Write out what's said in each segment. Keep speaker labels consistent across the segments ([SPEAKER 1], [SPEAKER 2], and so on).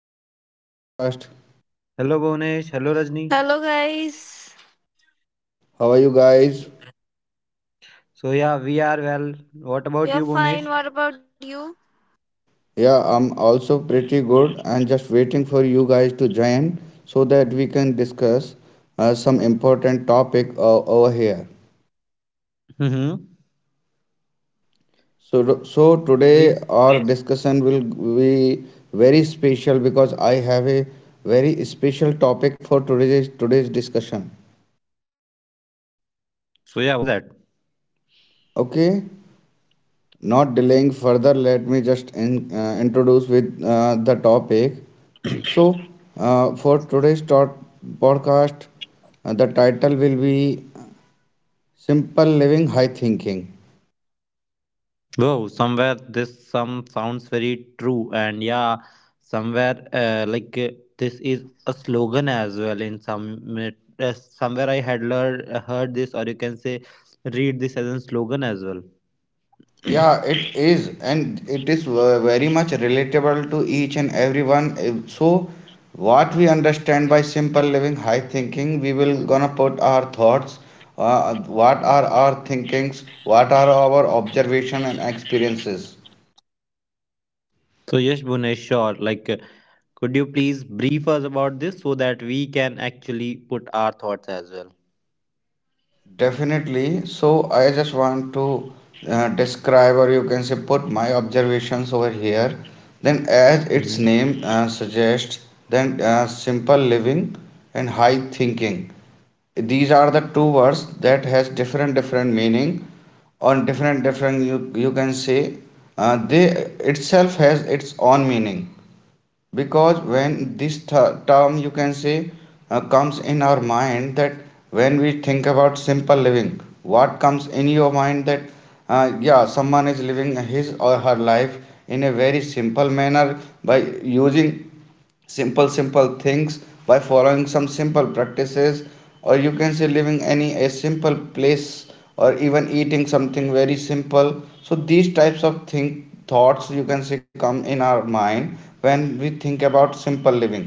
[SPEAKER 1] back to the podcast.
[SPEAKER 2] Hello, Bhunesh. Hello,
[SPEAKER 3] Hello,
[SPEAKER 2] Rajni.
[SPEAKER 3] guys.
[SPEAKER 1] How are you guys?
[SPEAKER 2] We are well. What
[SPEAKER 3] We
[SPEAKER 2] about
[SPEAKER 3] are
[SPEAKER 2] you,
[SPEAKER 3] fine.
[SPEAKER 2] Bhunesh?
[SPEAKER 3] What about you?
[SPEAKER 1] Yeah, I'm also pretty good and just waiting for you guys to join so that we can discuss some important topic over here.
[SPEAKER 2] Mm-hmm.
[SPEAKER 1] So
[SPEAKER 2] So,
[SPEAKER 1] today
[SPEAKER 2] yes.
[SPEAKER 1] our discussion will be very special because I have a very special topic for today's discussion.
[SPEAKER 2] So yeah, what is that?
[SPEAKER 1] Okay, not delaying further, let me just introduce with the topic. So, for today's talk, podcast, the title will be Simple Living High Thinking.
[SPEAKER 2] Wow, somewhere this some sounds very true, and yeah, somewhere like this is a slogan as well. In some Somewhere I had learned heard this, or you can say read this as a slogan as well.
[SPEAKER 1] Yeah, it is, and it is very much relatable to each and everyone. So, what we understand by simple living, high thinking, we will gonna put our thoughts, uh, what are our thinkings, what are our observation and experiences.
[SPEAKER 2] So yes, Bhunesh, sure. Could you please brief us about this so that we can actually put our thoughts as well?
[SPEAKER 1] Definitely. So I just want to describe, or you can say, put my observations over here. Then, as its
[SPEAKER 2] Mm-hmm.
[SPEAKER 1] name suggests, then simple living and high thinking. These are the two words that has different different meaning on different different you can say they itself has its own meaning because when this term you can say comes in our mind that when we think about simple living what comes in your mind that yeah someone is living his or her life in a very simple manner by using simple simple things by following some simple practices or you can say living any a simple place or even eating something very simple so these types of think thoughts you can say come in our mind when we think about simple living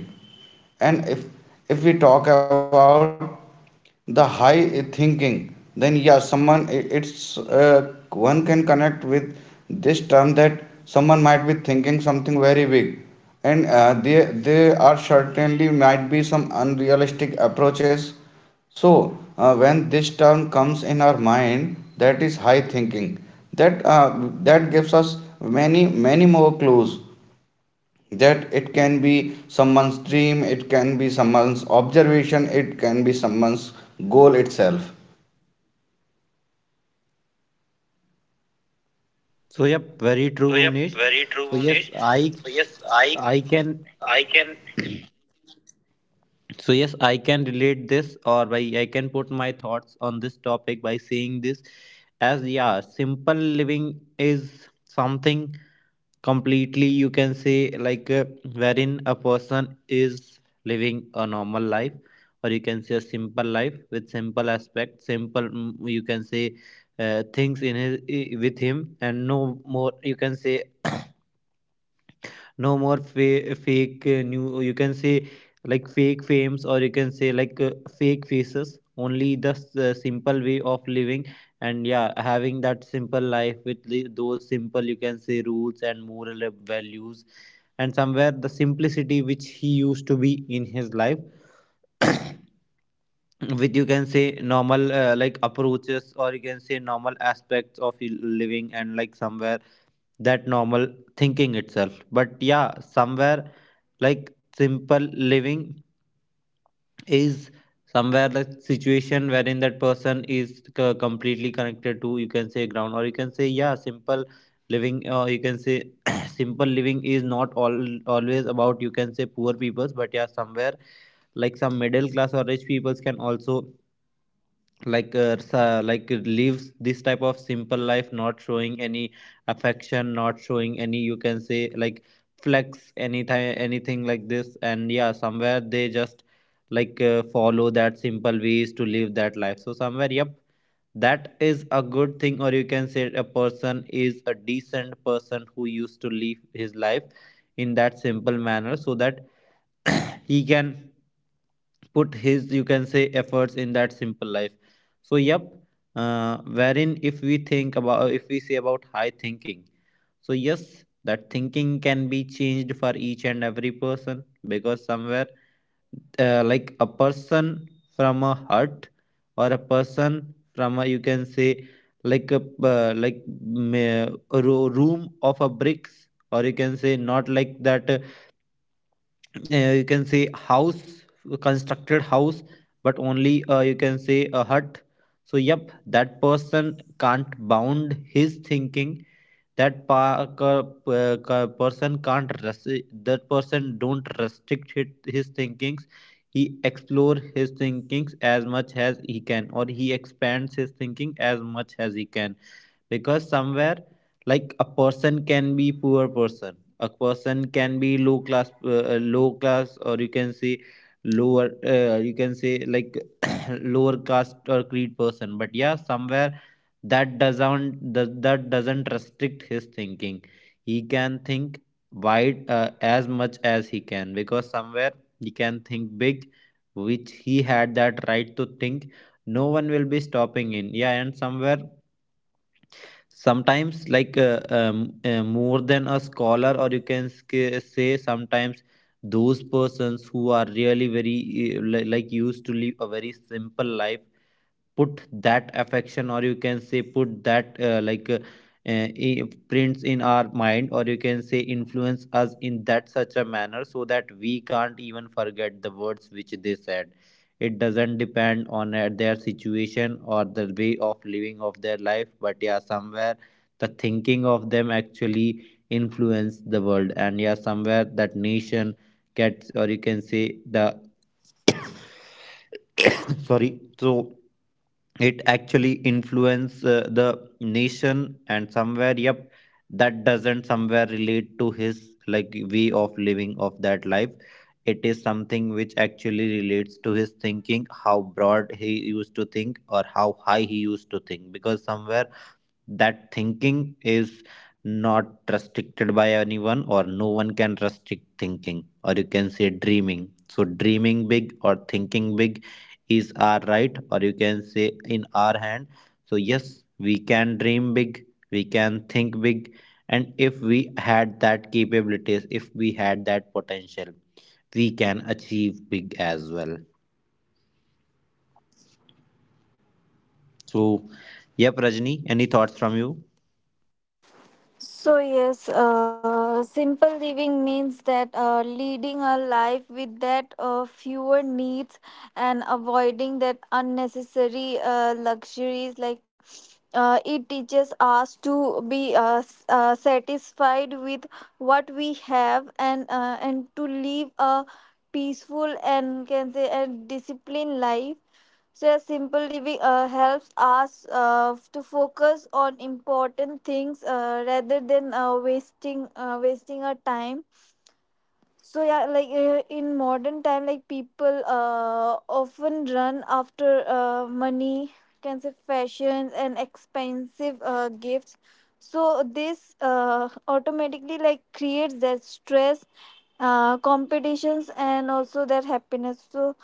[SPEAKER 1] and if we talk about the high thinking then yeah someone it's one can connect with this term that someone might be thinking something very big and they are certainly might be some unrealistic approaches so when this term comes in our mind that is high thinking that that gives us many more clues that it can be someone's dream, it can be someone's observation, it can be someone's goal itself.
[SPEAKER 2] So yep, very true, Bhuvnesh. So yes, I I can so yes, I can relate this or by I can put my thoughts on this topic by saying this as yeah, simple living is something completely you can say wherein a person is living a normal life, or you can say a simple life with simple aspects simple you can say things in with him, and no more you can say no more fake new you can say like fake fames, or you can say fake faces, only the simple way of living. And yeah, having that simple life with those simple you can say rules and moral values, and somewhere the simplicity which he used to be in his life with you can say normal like approaches, or you can say normal aspects of living, and like somewhere that normal thinking itself. But yeah, somewhere like simple living is somewhere the situation wherein that person is completely connected to you can say ground, or you can say yeah, simple living, or you can say simple living is not all always about you can say poor peoples. But yeah, somewhere like some middle class or rich peoples can also like lives this type of simple life, not showing any affection, not showing any you can say like flex anytime anything like this. And yeah, somewhere they just follow that simple ways to live that life. So somewhere yep, that is a good thing, or you can say a person is a decent person who used to live his life in that simple manner, so that he can put his you can say efforts in that simple life. So yep, wherein if we think about if we say about high thinking, so yes, that thinking can be changed for each and every person, because somewhere like a person from a hut, or a person from a you can say like a a room of a bricks, or you can say not like that you can say house, constructed house, but only you can say a hut. So yep, that person can't bound his thinking. That person can't that person don't restrict his thinkings. He explore his thinkings as much as he can, or he expands his thinking as much as he can, because somewhere like a person can be poor person, a person can be low class low class, or you can say lower you can say like lower caste or creed person. But yeah, somewhere that doesn't restrict his thinking. He can think wide as much as he can, because somewhere he can think big, which he had that right to think. No one will be stopping in, yeah. And somewhere sometimes more than a scholar, or you can say sometimes those persons who are really very like used to live a very simple life, put that affection, or you can say put that prints in our mind, or you can say influence us in that such a manner, so that we can't even forget the words which they said. It doesn't depend on their situation or the way of living of their life. But yeah, somewhere the thinking of them actually influence the world, and yeah, somewhere that nation gets, or you can say the sorry, so it actually influence the nation. And somewhere yep, that doesn't somewhere relate to his like way of living of that life. It is something which actually relates to his thinking, how broad he used to think or how high he used to think, because somewhere that thinking is not restricted by anyone, or no one can restrict thinking, or you can say dreaming. So dreaming big or thinking big is our right, or you can say in our hand. So yes, we can dream big, we can think big, and if we had that capabilities, if we had that potential, we can achieve big as well. So yep, Rajni, any thoughts from you?
[SPEAKER 3] So, yes, simple living means that leading a life with that fewer needs and avoiding that unnecessary luxuries. Like it teaches us to be satisfied with what we have and and to live a peaceful and can say a disciplined life. So a simple living helps us to focus on important things rather than wasting our time. So yeah, like in modern time, like people often run after money, can say fashions and expensive gifts. So this automatically like creates that stress, competitions, and also that happiness. So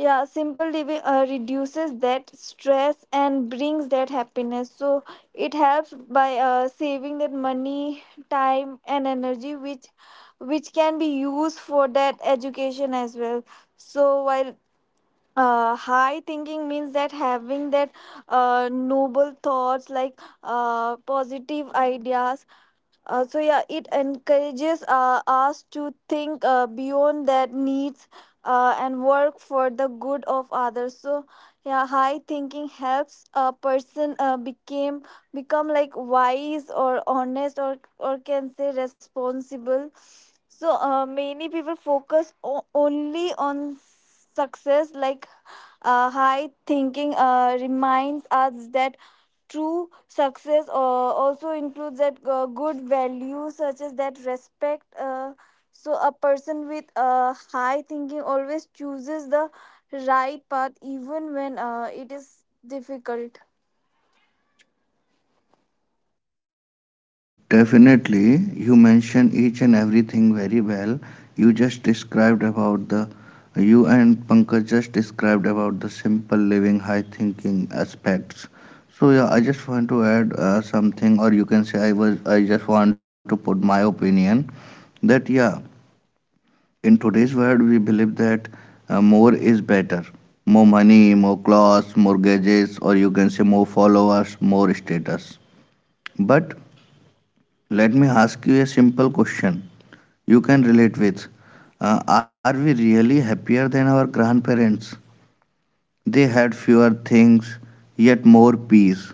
[SPEAKER 3] yeah, simple living reduces that stress and brings that happiness, so it helps by saving that money, time, and energy which can be used for that education as well. So while high thinking means that having that noble thoughts like positive ideas. So yeah, it encourages us to think beyond their needs and work for the good of others. So yeah, high thinking helps a person became become like wise or honest, or can say responsible. So many people focus only on success. Like high thinking reminds us that true success also includes that good values such as that respect. So a person with high thinking always chooses the right path even when it is difficult.
[SPEAKER 1] Definitely, you mentioned each and everything very well. You just described about the you and Pankaj just described about the simple living, high thinking aspects. So yeah, I just want to add something, or you can say I just want to put my opinion that yeah, in today's world, we believe that more is better. More money, more clothes, more gadgets, or you can say more followers, more status. But let me ask you a simple question you can relate with. Are we really happier than our grandparents? They had fewer things, yet more peace.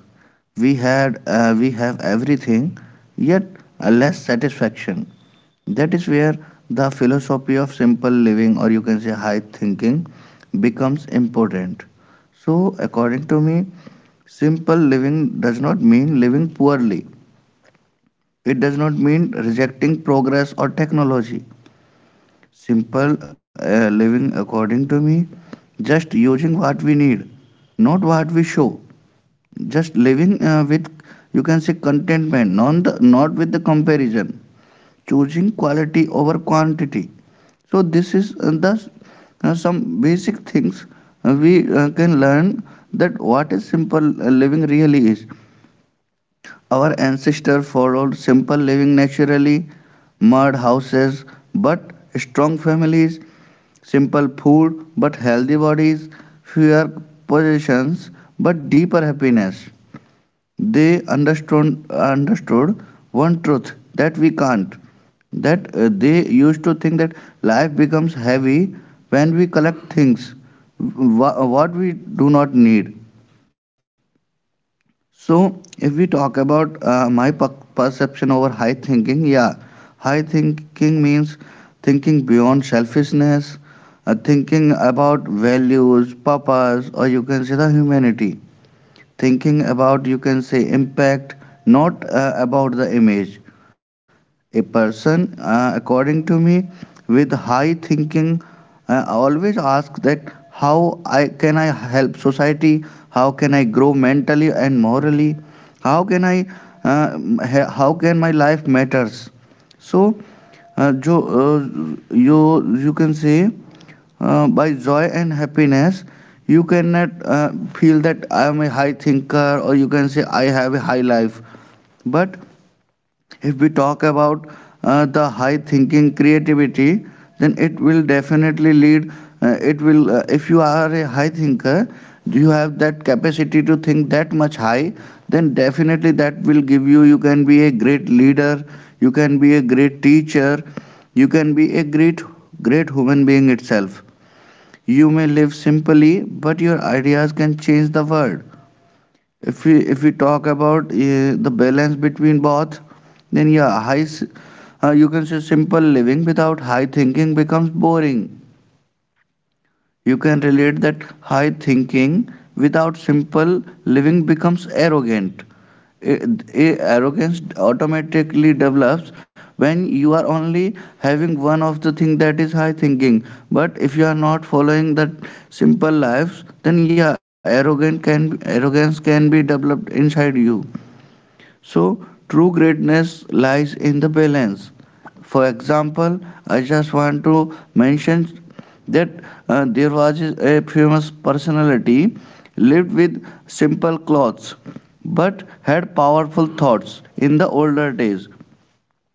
[SPEAKER 1] We have everything, yet less satisfaction. That is where the philosophy of simple living, or you can say high thinking, becomes important. So, according to me, simple living does not mean living poorly. It does not mean rejecting progress or technology. Simple living, according to me, just using what we need, not what we show. Just living with, you can say, contentment, not with the comparison. Choosing quality over quantity, so this is the some basic things we can learn, that what is simple living really is. Our ancestors followed simple living naturally. Mud houses but strong families, simple food but healthy bodies, fewer possessions but deeper happiness. They understood one truth that we can't. That they used to think that life becomes heavy when we collect things, what we do not need. So, if we talk about my perception over high thinking, yeah, high thinking means thinking beyond selfishness, thinking about values, purpose, or you can say the humanity, thinking about you can say impact, not about the image. A person according to me with high thinking always ask that how I can I help society, how can I grow mentally and morally, how can I uh, how can my life matters. So uh, jo, uh, you you can say by joy and happiness you cannot feel that I am a high thinker, or you can say I have a high life. But if we talk about the high thinking creativity, then it will definitely lead, it will if you are a high thinker, do you have that capacity to think that much high, then definitely that will give you you can be a great leader, you can be a great teacher, you can be a great great human being itself. You may live simply, but your ideas can change the world. If we talk about the balance between both, then yeah, you can say simple living without high thinking becomes boring. You can relate that high thinking without simple living becomes arrogant. A, a arrogance automatically develops when you are only having one of the thing that is high thinking. But if you are not following that simple lives, then yeah, arrogant can arrogance can be developed inside you. So, true greatness lies in the balance. For example, I just want to mention that there was a famous personality lived with simple clothes but had powerful thoughts in the older days.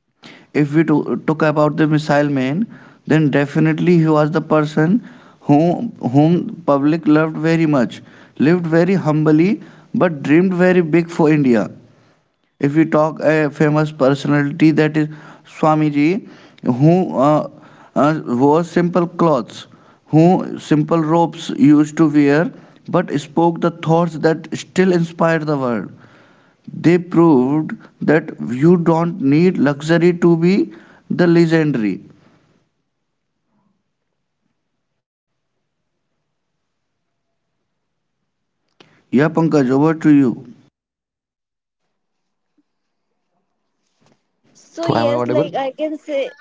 [SPEAKER 1] If we talk about the missile man, then definitely he was the person whom public loved very much, lived very humbly but dreamed very big for India. If we talk a famous personality that is Swamiji, who wore simple clothes, who simple robes used to wear, but spoke the thoughts that still inspire the world. They proved that you don't need luxury to be the legendary. Yeah, Pankaj, over to you.
[SPEAKER 3] So
[SPEAKER 2] So am I
[SPEAKER 3] yes,
[SPEAKER 2] audible?
[SPEAKER 3] like I can say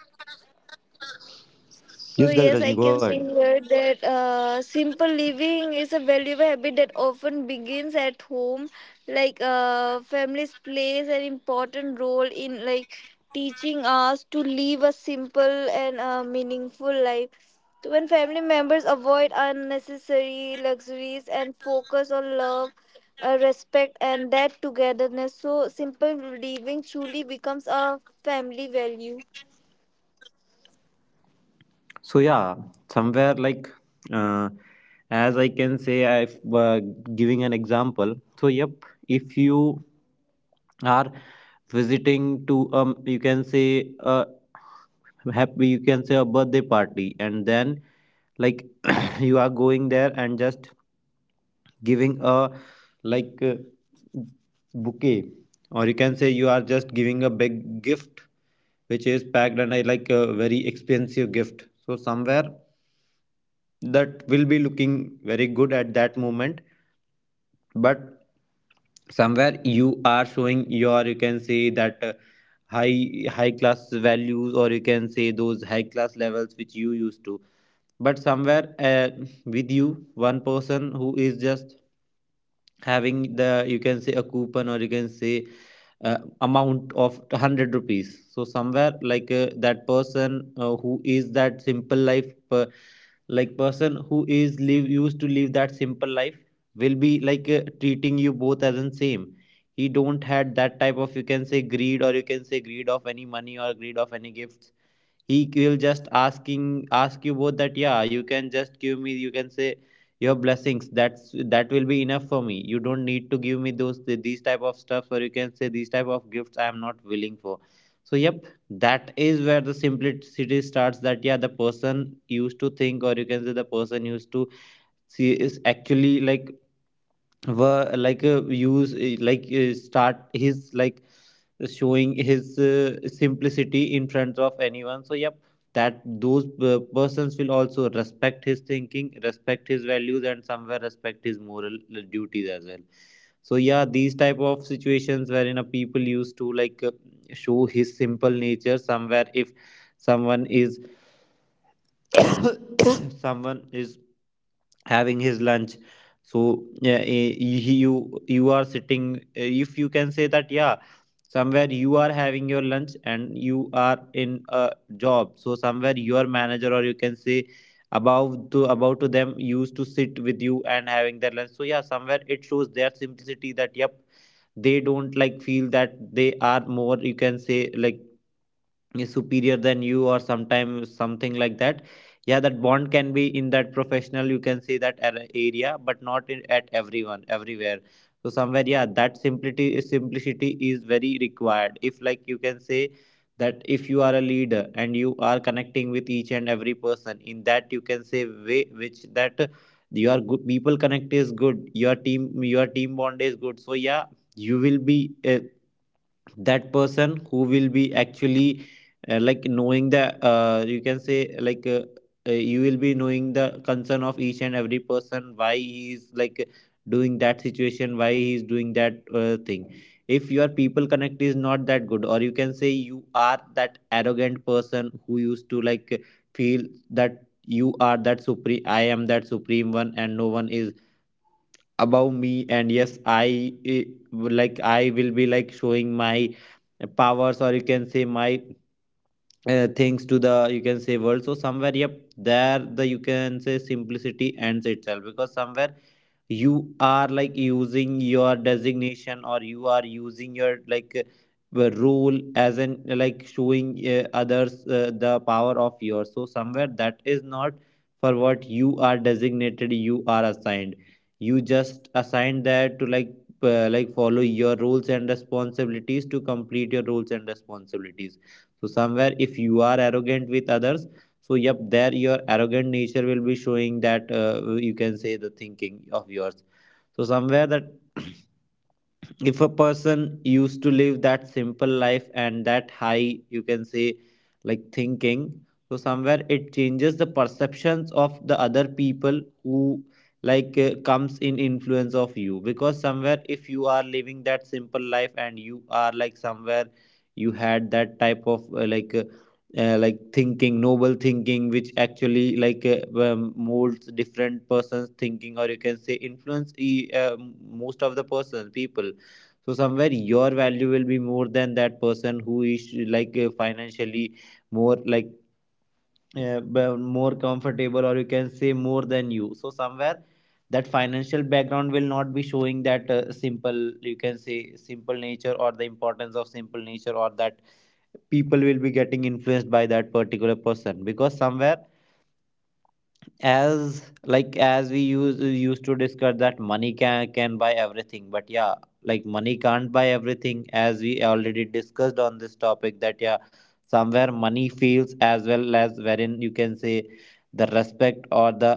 [SPEAKER 3] So
[SPEAKER 2] Yes guys,
[SPEAKER 3] yes, I
[SPEAKER 2] Rajni,
[SPEAKER 3] can
[SPEAKER 2] go
[SPEAKER 3] say
[SPEAKER 2] ahead.
[SPEAKER 3] here that simple living is a valuable habit that often begins at home. Like families plays an important role in like teaching us to live a simple and meaningful life. So when family members avoid unnecessary luxuries and focus on love, respect, and that togetherness, so simple living truly becomes a family value.
[SPEAKER 2] So yeah, somewhere uh, as I can say, I've giving an example. So yep, if you are visiting to you can say happy, you can say a birthday party, and then like you are going there and just giving a like uh, bouquet, or you can say you are just giving a big gift which is packed and I like a very expensive gift. So somewhere that will be looking very good at that moment. But somewhere you are showing your you can say that high class values, or you can say those high class levels which you used to. But somewhere with you one person who is just having the you can say a coupon, or you can say amount of 100 rupees. So somewhere that person who is that simple life like person who is live used to live that simple life will be treating you both as in same. He don't had that type of you can say greed, or you can say greed of any money or greed of any gifts. He will just ask you both that yeah, you can just give me you can say your blessings, that's that will be enough for me. You don't need to give me those these type of stuff, or you can say these type of gifts, I am not willing for. So yep, that is where the simplicity starts, that yeah, the person used to think, or you can say the person used to see is actually like were like use like start his like showing his simplicity in front of anyone. So yep, that those persons will also respect his thinking, respect his values, and somewhere respect his moral duties as well. So yeah, these type of situations wherein a people used to show his simple nature somewhere. If someone is someone is having his lunch, so yeah, you are sitting, if you can say that yeah, somewhere you are having your lunch and you are in a job. So somewhere your manager, or you can say above to about to them, used to sit with you and having their lunch. So yeah, somewhere it shows their simplicity, that yep, they don't like feel that they are more you can say like is superior than you, or sometimes something like that. Yeah, that bond can be in that professional you can see that area, but not at everyone everywhere. So somewhere yeah, that simplicity is very required. If like you can say that if you are a leader and you are connecting with each and every person in that you can say way which that your good people connect is good, your team bond is good. So yeah, you will be that person who will be actually knowing the you can say you will be knowing the concern of each and every person, why he is like doing that situation, why he is doing that thing. If your people connect is not that good, or you can say you are that arrogant person who used to like feel that you are that supreme, I am that supreme one and no one is above me. And yes, I eh, like I will be like showing my powers, or you can say my things to the you can say world. So somewhere yep, there the you can say simplicity ends itself, because somewhere you are like using your designation, or you are using your the role as an like showing others the power of yours. So somewhere that is not for what you are designated, you are assigned. You just assign that to like follow your roles and responsibilities, to complete your roles and responsibilities. So somewhere if you are arrogant with others, so yep, there your Arrogant nature will be showing that, you can say, the thinking of yours. So somewhere that if a person used to live that simple life and that high, you can say, thinking, so somewhere it changes the perceptions of the other people who comes in influence of you. Because somewhere, if you are living that simple life and you are, like, somewhere you had that type of thinking, noble thinking, which actually molds different persons thinking, or you can say influence, most of the persons, people. So somewhere your value will be more than that person who is financially more, like, more comfortable, or you can say more than you. So somewhere that financial background will not be showing that, simple, you can say, simple nature, or the importance of simple nature, or that people will be getting influenced by that particular person. Because somewhere, as like as we used to discuss that money can buy everything, but yeah, like, money can't buy everything. As we already discussed on this topic, that yeah, somewhere money feels as well, as wherein, you can say, the respect or the,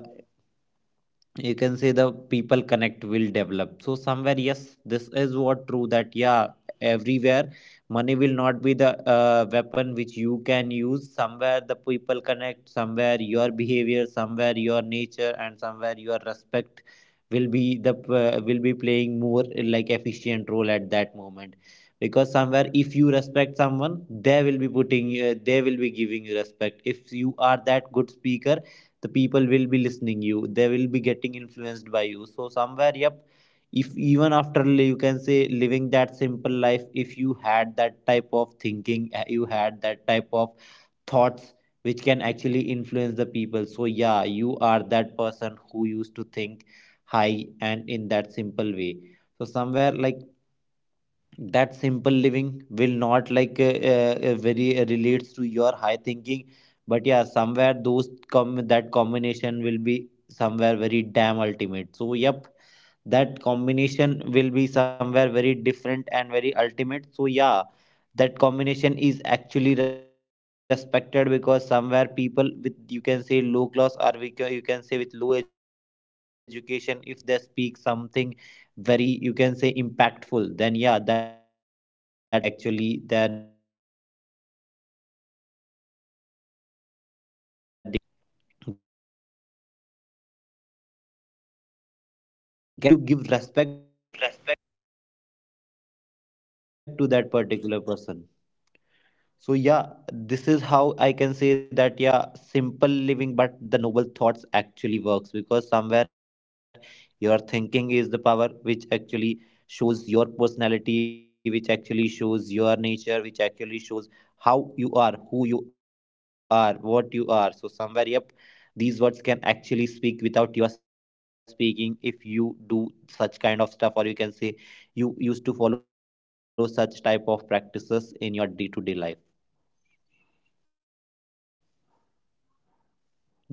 [SPEAKER 2] you can say, the people connect will develop. So somewhere, yes, this is what true, that yeah, everywhere money will not be the weapon which you can use. Somewhere the people connect, somewhere your behavior, somewhere your nature, and somewhere your respect will be the, will be playing more, like, efficient role at that moment. Because somewhere, if you respect someone, they will be putting, they will be giving you respect. If you are that good speaker, the people will be listening you, they will be getting influenced by you. So somewhere, yep, if even after you can say living that simple life, if you had that type of thinking, you had that type of thoughts which can actually influence the people. So yeah, you are that person who used to think high and in that simple way. So somewhere, like, that simple living will not very relates to your high thinking. But yeah, somewhere those come that combination will be somewhere very damn ultimate. So yep, that combination will be somewhere very different and very ultimate. So yeah, that combination is actually respected. Because somewhere, people with, you can say, low class, or you can say with low education, if they speak something very, you can say, impactful, then yeah, that person actually, like, given the respect, or you can say actually their dignity builds. And somewhere, you can say, every person used to get influenced by that particular person, or you can say the people used to give respect to that particular person. So yeah, this is how I can say that yeah, simple living but the noble thoughts actually works. Because somewhere your thinking is the power which actually shows your personality, which actually shows your nature, which actually shows how you are, who you are, what you are. So somewhere, yep, these words can actually speak without your speaking if you do such kind of stuff, or you can say you used to follow such type of practices in your day-to-day life. Yeah, Bhuvnesh, over to you.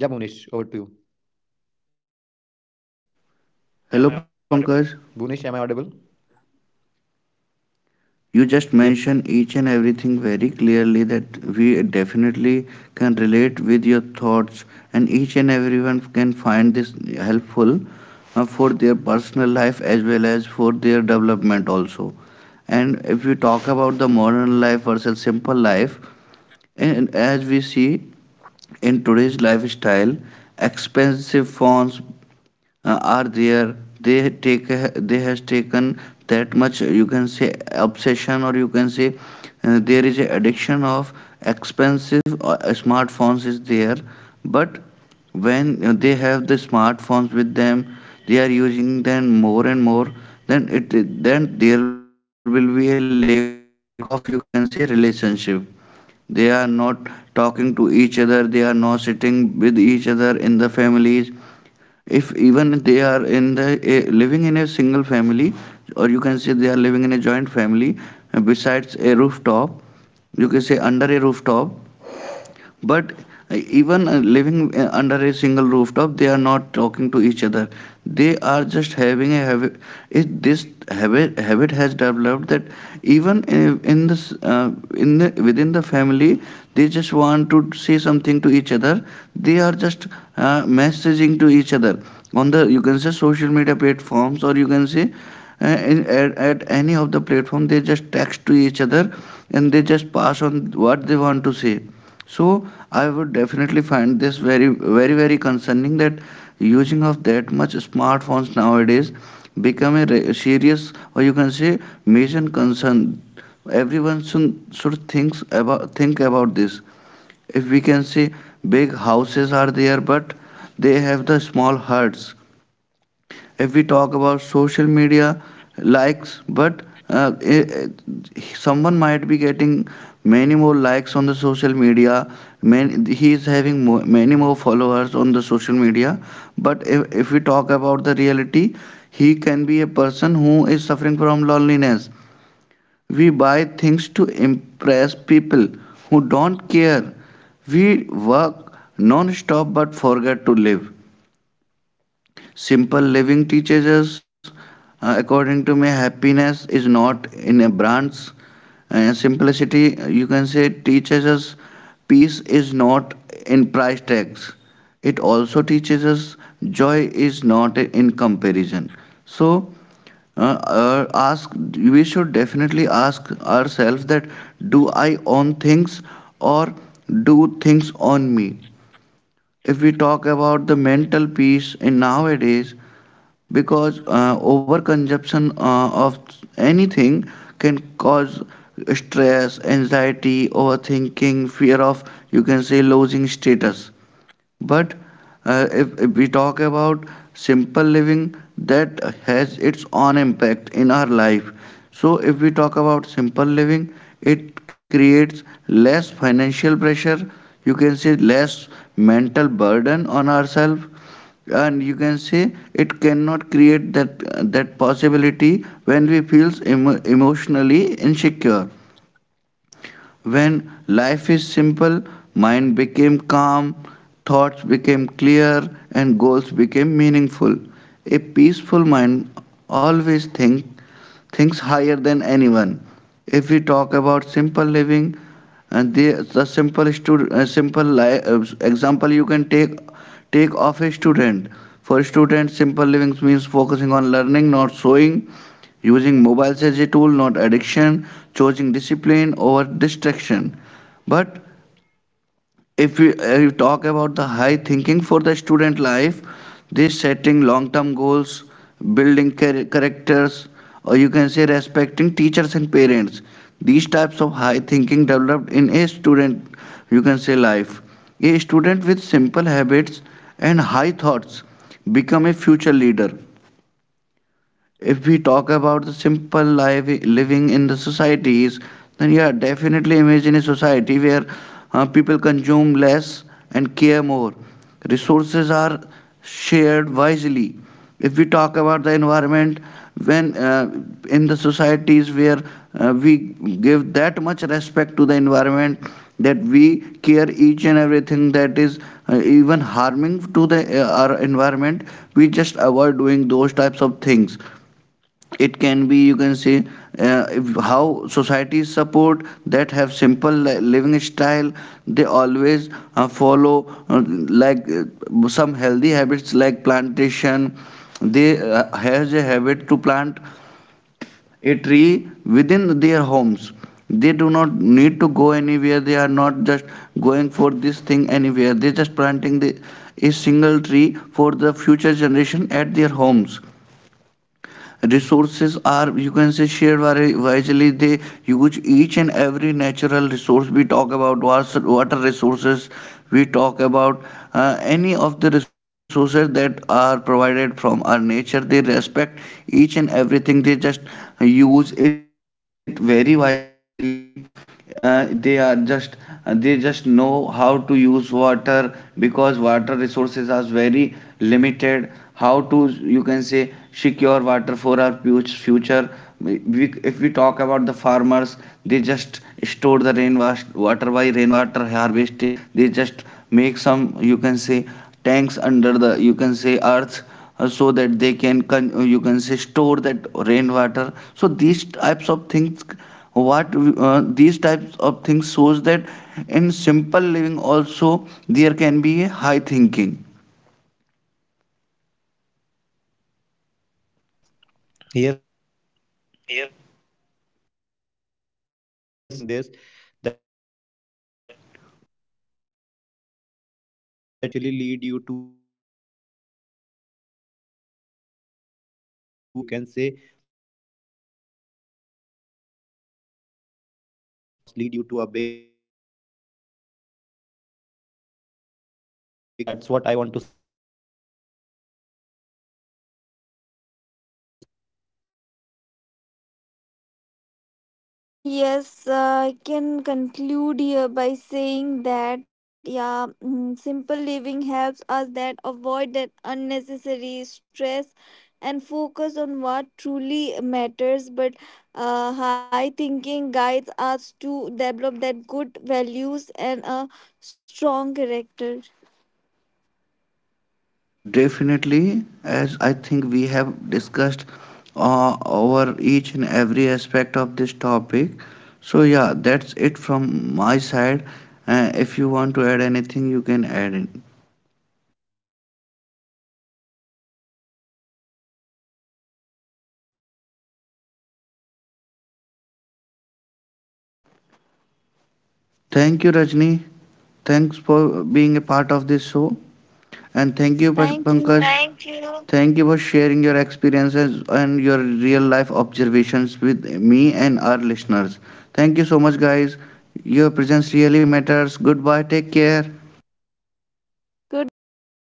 [SPEAKER 1] Hello,
[SPEAKER 2] Bhuvnesh, am I
[SPEAKER 1] Pankaj.
[SPEAKER 2] audible? Yep.
[SPEAKER 1] You just mention each and everything very clearly that we definitely can relate with your thoughts, and each and everyone can find this helpful for their personal life as well as for their development also. And if we talk about the modern life versus simple life, and as we see in today's lifestyle, expensive phones are there, they has taken that much you can say obsession, or you can say there is a addiction of expensive smartphones is there. But when they have the smartphones with them, they are using them more and more, then it then there will be a lack of you can say relationship. They are not talking to each other, they are not sitting with each other in the families. If even they are living in a single family, or you can say they are living in a joint family, and besides a rooftop, you can say under a rooftop, but even living under a single rooftop, they are not talking to each other. They are just having a habit. This habit has developed that even in this in the, within the family, they just want to say something to each other. They are just messaging to each other on the you can say social media platforms, or you can say at any of the platform they just text to each other, and they just pass on what they want to say. So I would definitely find this very concerning, that using of that much smartphones nowadays become a serious, or you can say major concern. Everyone should think about this. If we can say big houses are there, but they have the small huts. If we talk about social media likes, but someone might be getting many more likes on the social media, man, he is having many more followers on the social media, but if we talk about the reality, he can be a person who is suffering from loneliness. We buy things to impress people who don't care. We work non-stop but forget to live. Simple living teaches us, according to me, happiness is not in a branch. Simplicity, you can say, teaches us peace is not in price tags. It also teaches us joy is not in comparison. So, ask we should definitely ask ourselves that do I own things, or do things own me? If we talk about the mental peace in nowadays, because overconsumption of anything can cause stress, anxiety, overthinking, fear of you can say losing status. But if we talk about simple living, that has its own impact in our life. So if we talk about simple living, it creates less financial pressure. You can say less mental burden on ourselves, and you can say it cannot create that possibility when we feels emotionally insecure. When life is simple, mind became calm, thoughts became clear, and goals became meaningful. A peaceful mind always think thinks higher than anyone. If we talk about simple living, and the simple example you can take of a student. For students, simple living means focusing on learning, not showing, using mobiles as a tool, not addiction, choosing discipline over distraction. But if you, you talk about the high thinking for the student life, this setting long term goals, building characters, or you can say respecting teachers and parents, these types of high thinking developed in a student you can say life. A student with simple habits and high thoughts become a future leader. If we talk about the simple life living in the societies, then yeah, definitely imagine a society where people consume less and care more. Resources are shared wisely. If we talk about the environment, when in the societies where we give that much respect to the environment, that we care each and everything that is even harming to the our environment, we just avoid doing those types of things. It can be you can say how societies support that have simple living style, they always follow uh, some healthy habits like plantation. They has a habit to plant a tree within their homes. They do not need to go anywhere, they are not just going for this thing anywhere, they just a single tree for the future generation at their homes. Resources are you can say shared very wisely. They use each and every natural resource. We talk about water resources, we talk about any of the resources that are provided from our nature. They respect each and everything, they just use it very wisely. uh, they are just they just know how to use water, because water resources are very limited. How to you can say secure water for our future. If we talk about the farmers, they just store the water by rainwater harvesting. They just make some you can say tanks under the you can say earth, so that they can you can say store that rainwater. So these types of things, what these types of things shows that in simple living also there can be a high thinking.
[SPEAKER 2] Exactly. Very true that. Yes, somewhere I just want to conclude this discussion by saying this, that yeah, somewhere simple thinking, you can simple living, actually lead you to that level wherein you will be a successful person with, you can say, thoughts of you can, with high thoughts. And somewhere that high thoughts lead you to a big success. And yes, that's what I want to say from my end.
[SPEAKER 3] So yes,
[SPEAKER 2] Yes,
[SPEAKER 3] I
[SPEAKER 2] guys,
[SPEAKER 3] can conclude here by saying that yeah, simple living helps us that avoid that unnecessary stress and focus on what truly matters. But high thinking guides us to develop that good values and a strong character.
[SPEAKER 1] Definitely, as I think we have discussed over each and every aspect of this topic, so yeah, that's it from my side. If you want to add anything, you can add it.
[SPEAKER 2] nothing. That's it. Thank you, Bonish.
[SPEAKER 1] Thank you, Rajni. Thanks for being a
[SPEAKER 3] Thanks.
[SPEAKER 1] part of this show. And thank you,
[SPEAKER 3] Thank
[SPEAKER 1] Pankaj.
[SPEAKER 3] you.
[SPEAKER 1] Thank you for sharing your experiences and your real
[SPEAKER 2] Thank you,
[SPEAKER 1] life
[SPEAKER 2] Bonish. Thank you.
[SPEAKER 1] observations with me and our listeners.
[SPEAKER 2] Thank you.
[SPEAKER 1] Thank you so much, guys. Your presence really matters. Goodbye. Take care.
[SPEAKER 2] Goodbye.
[SPEAKER 3] Goodbye.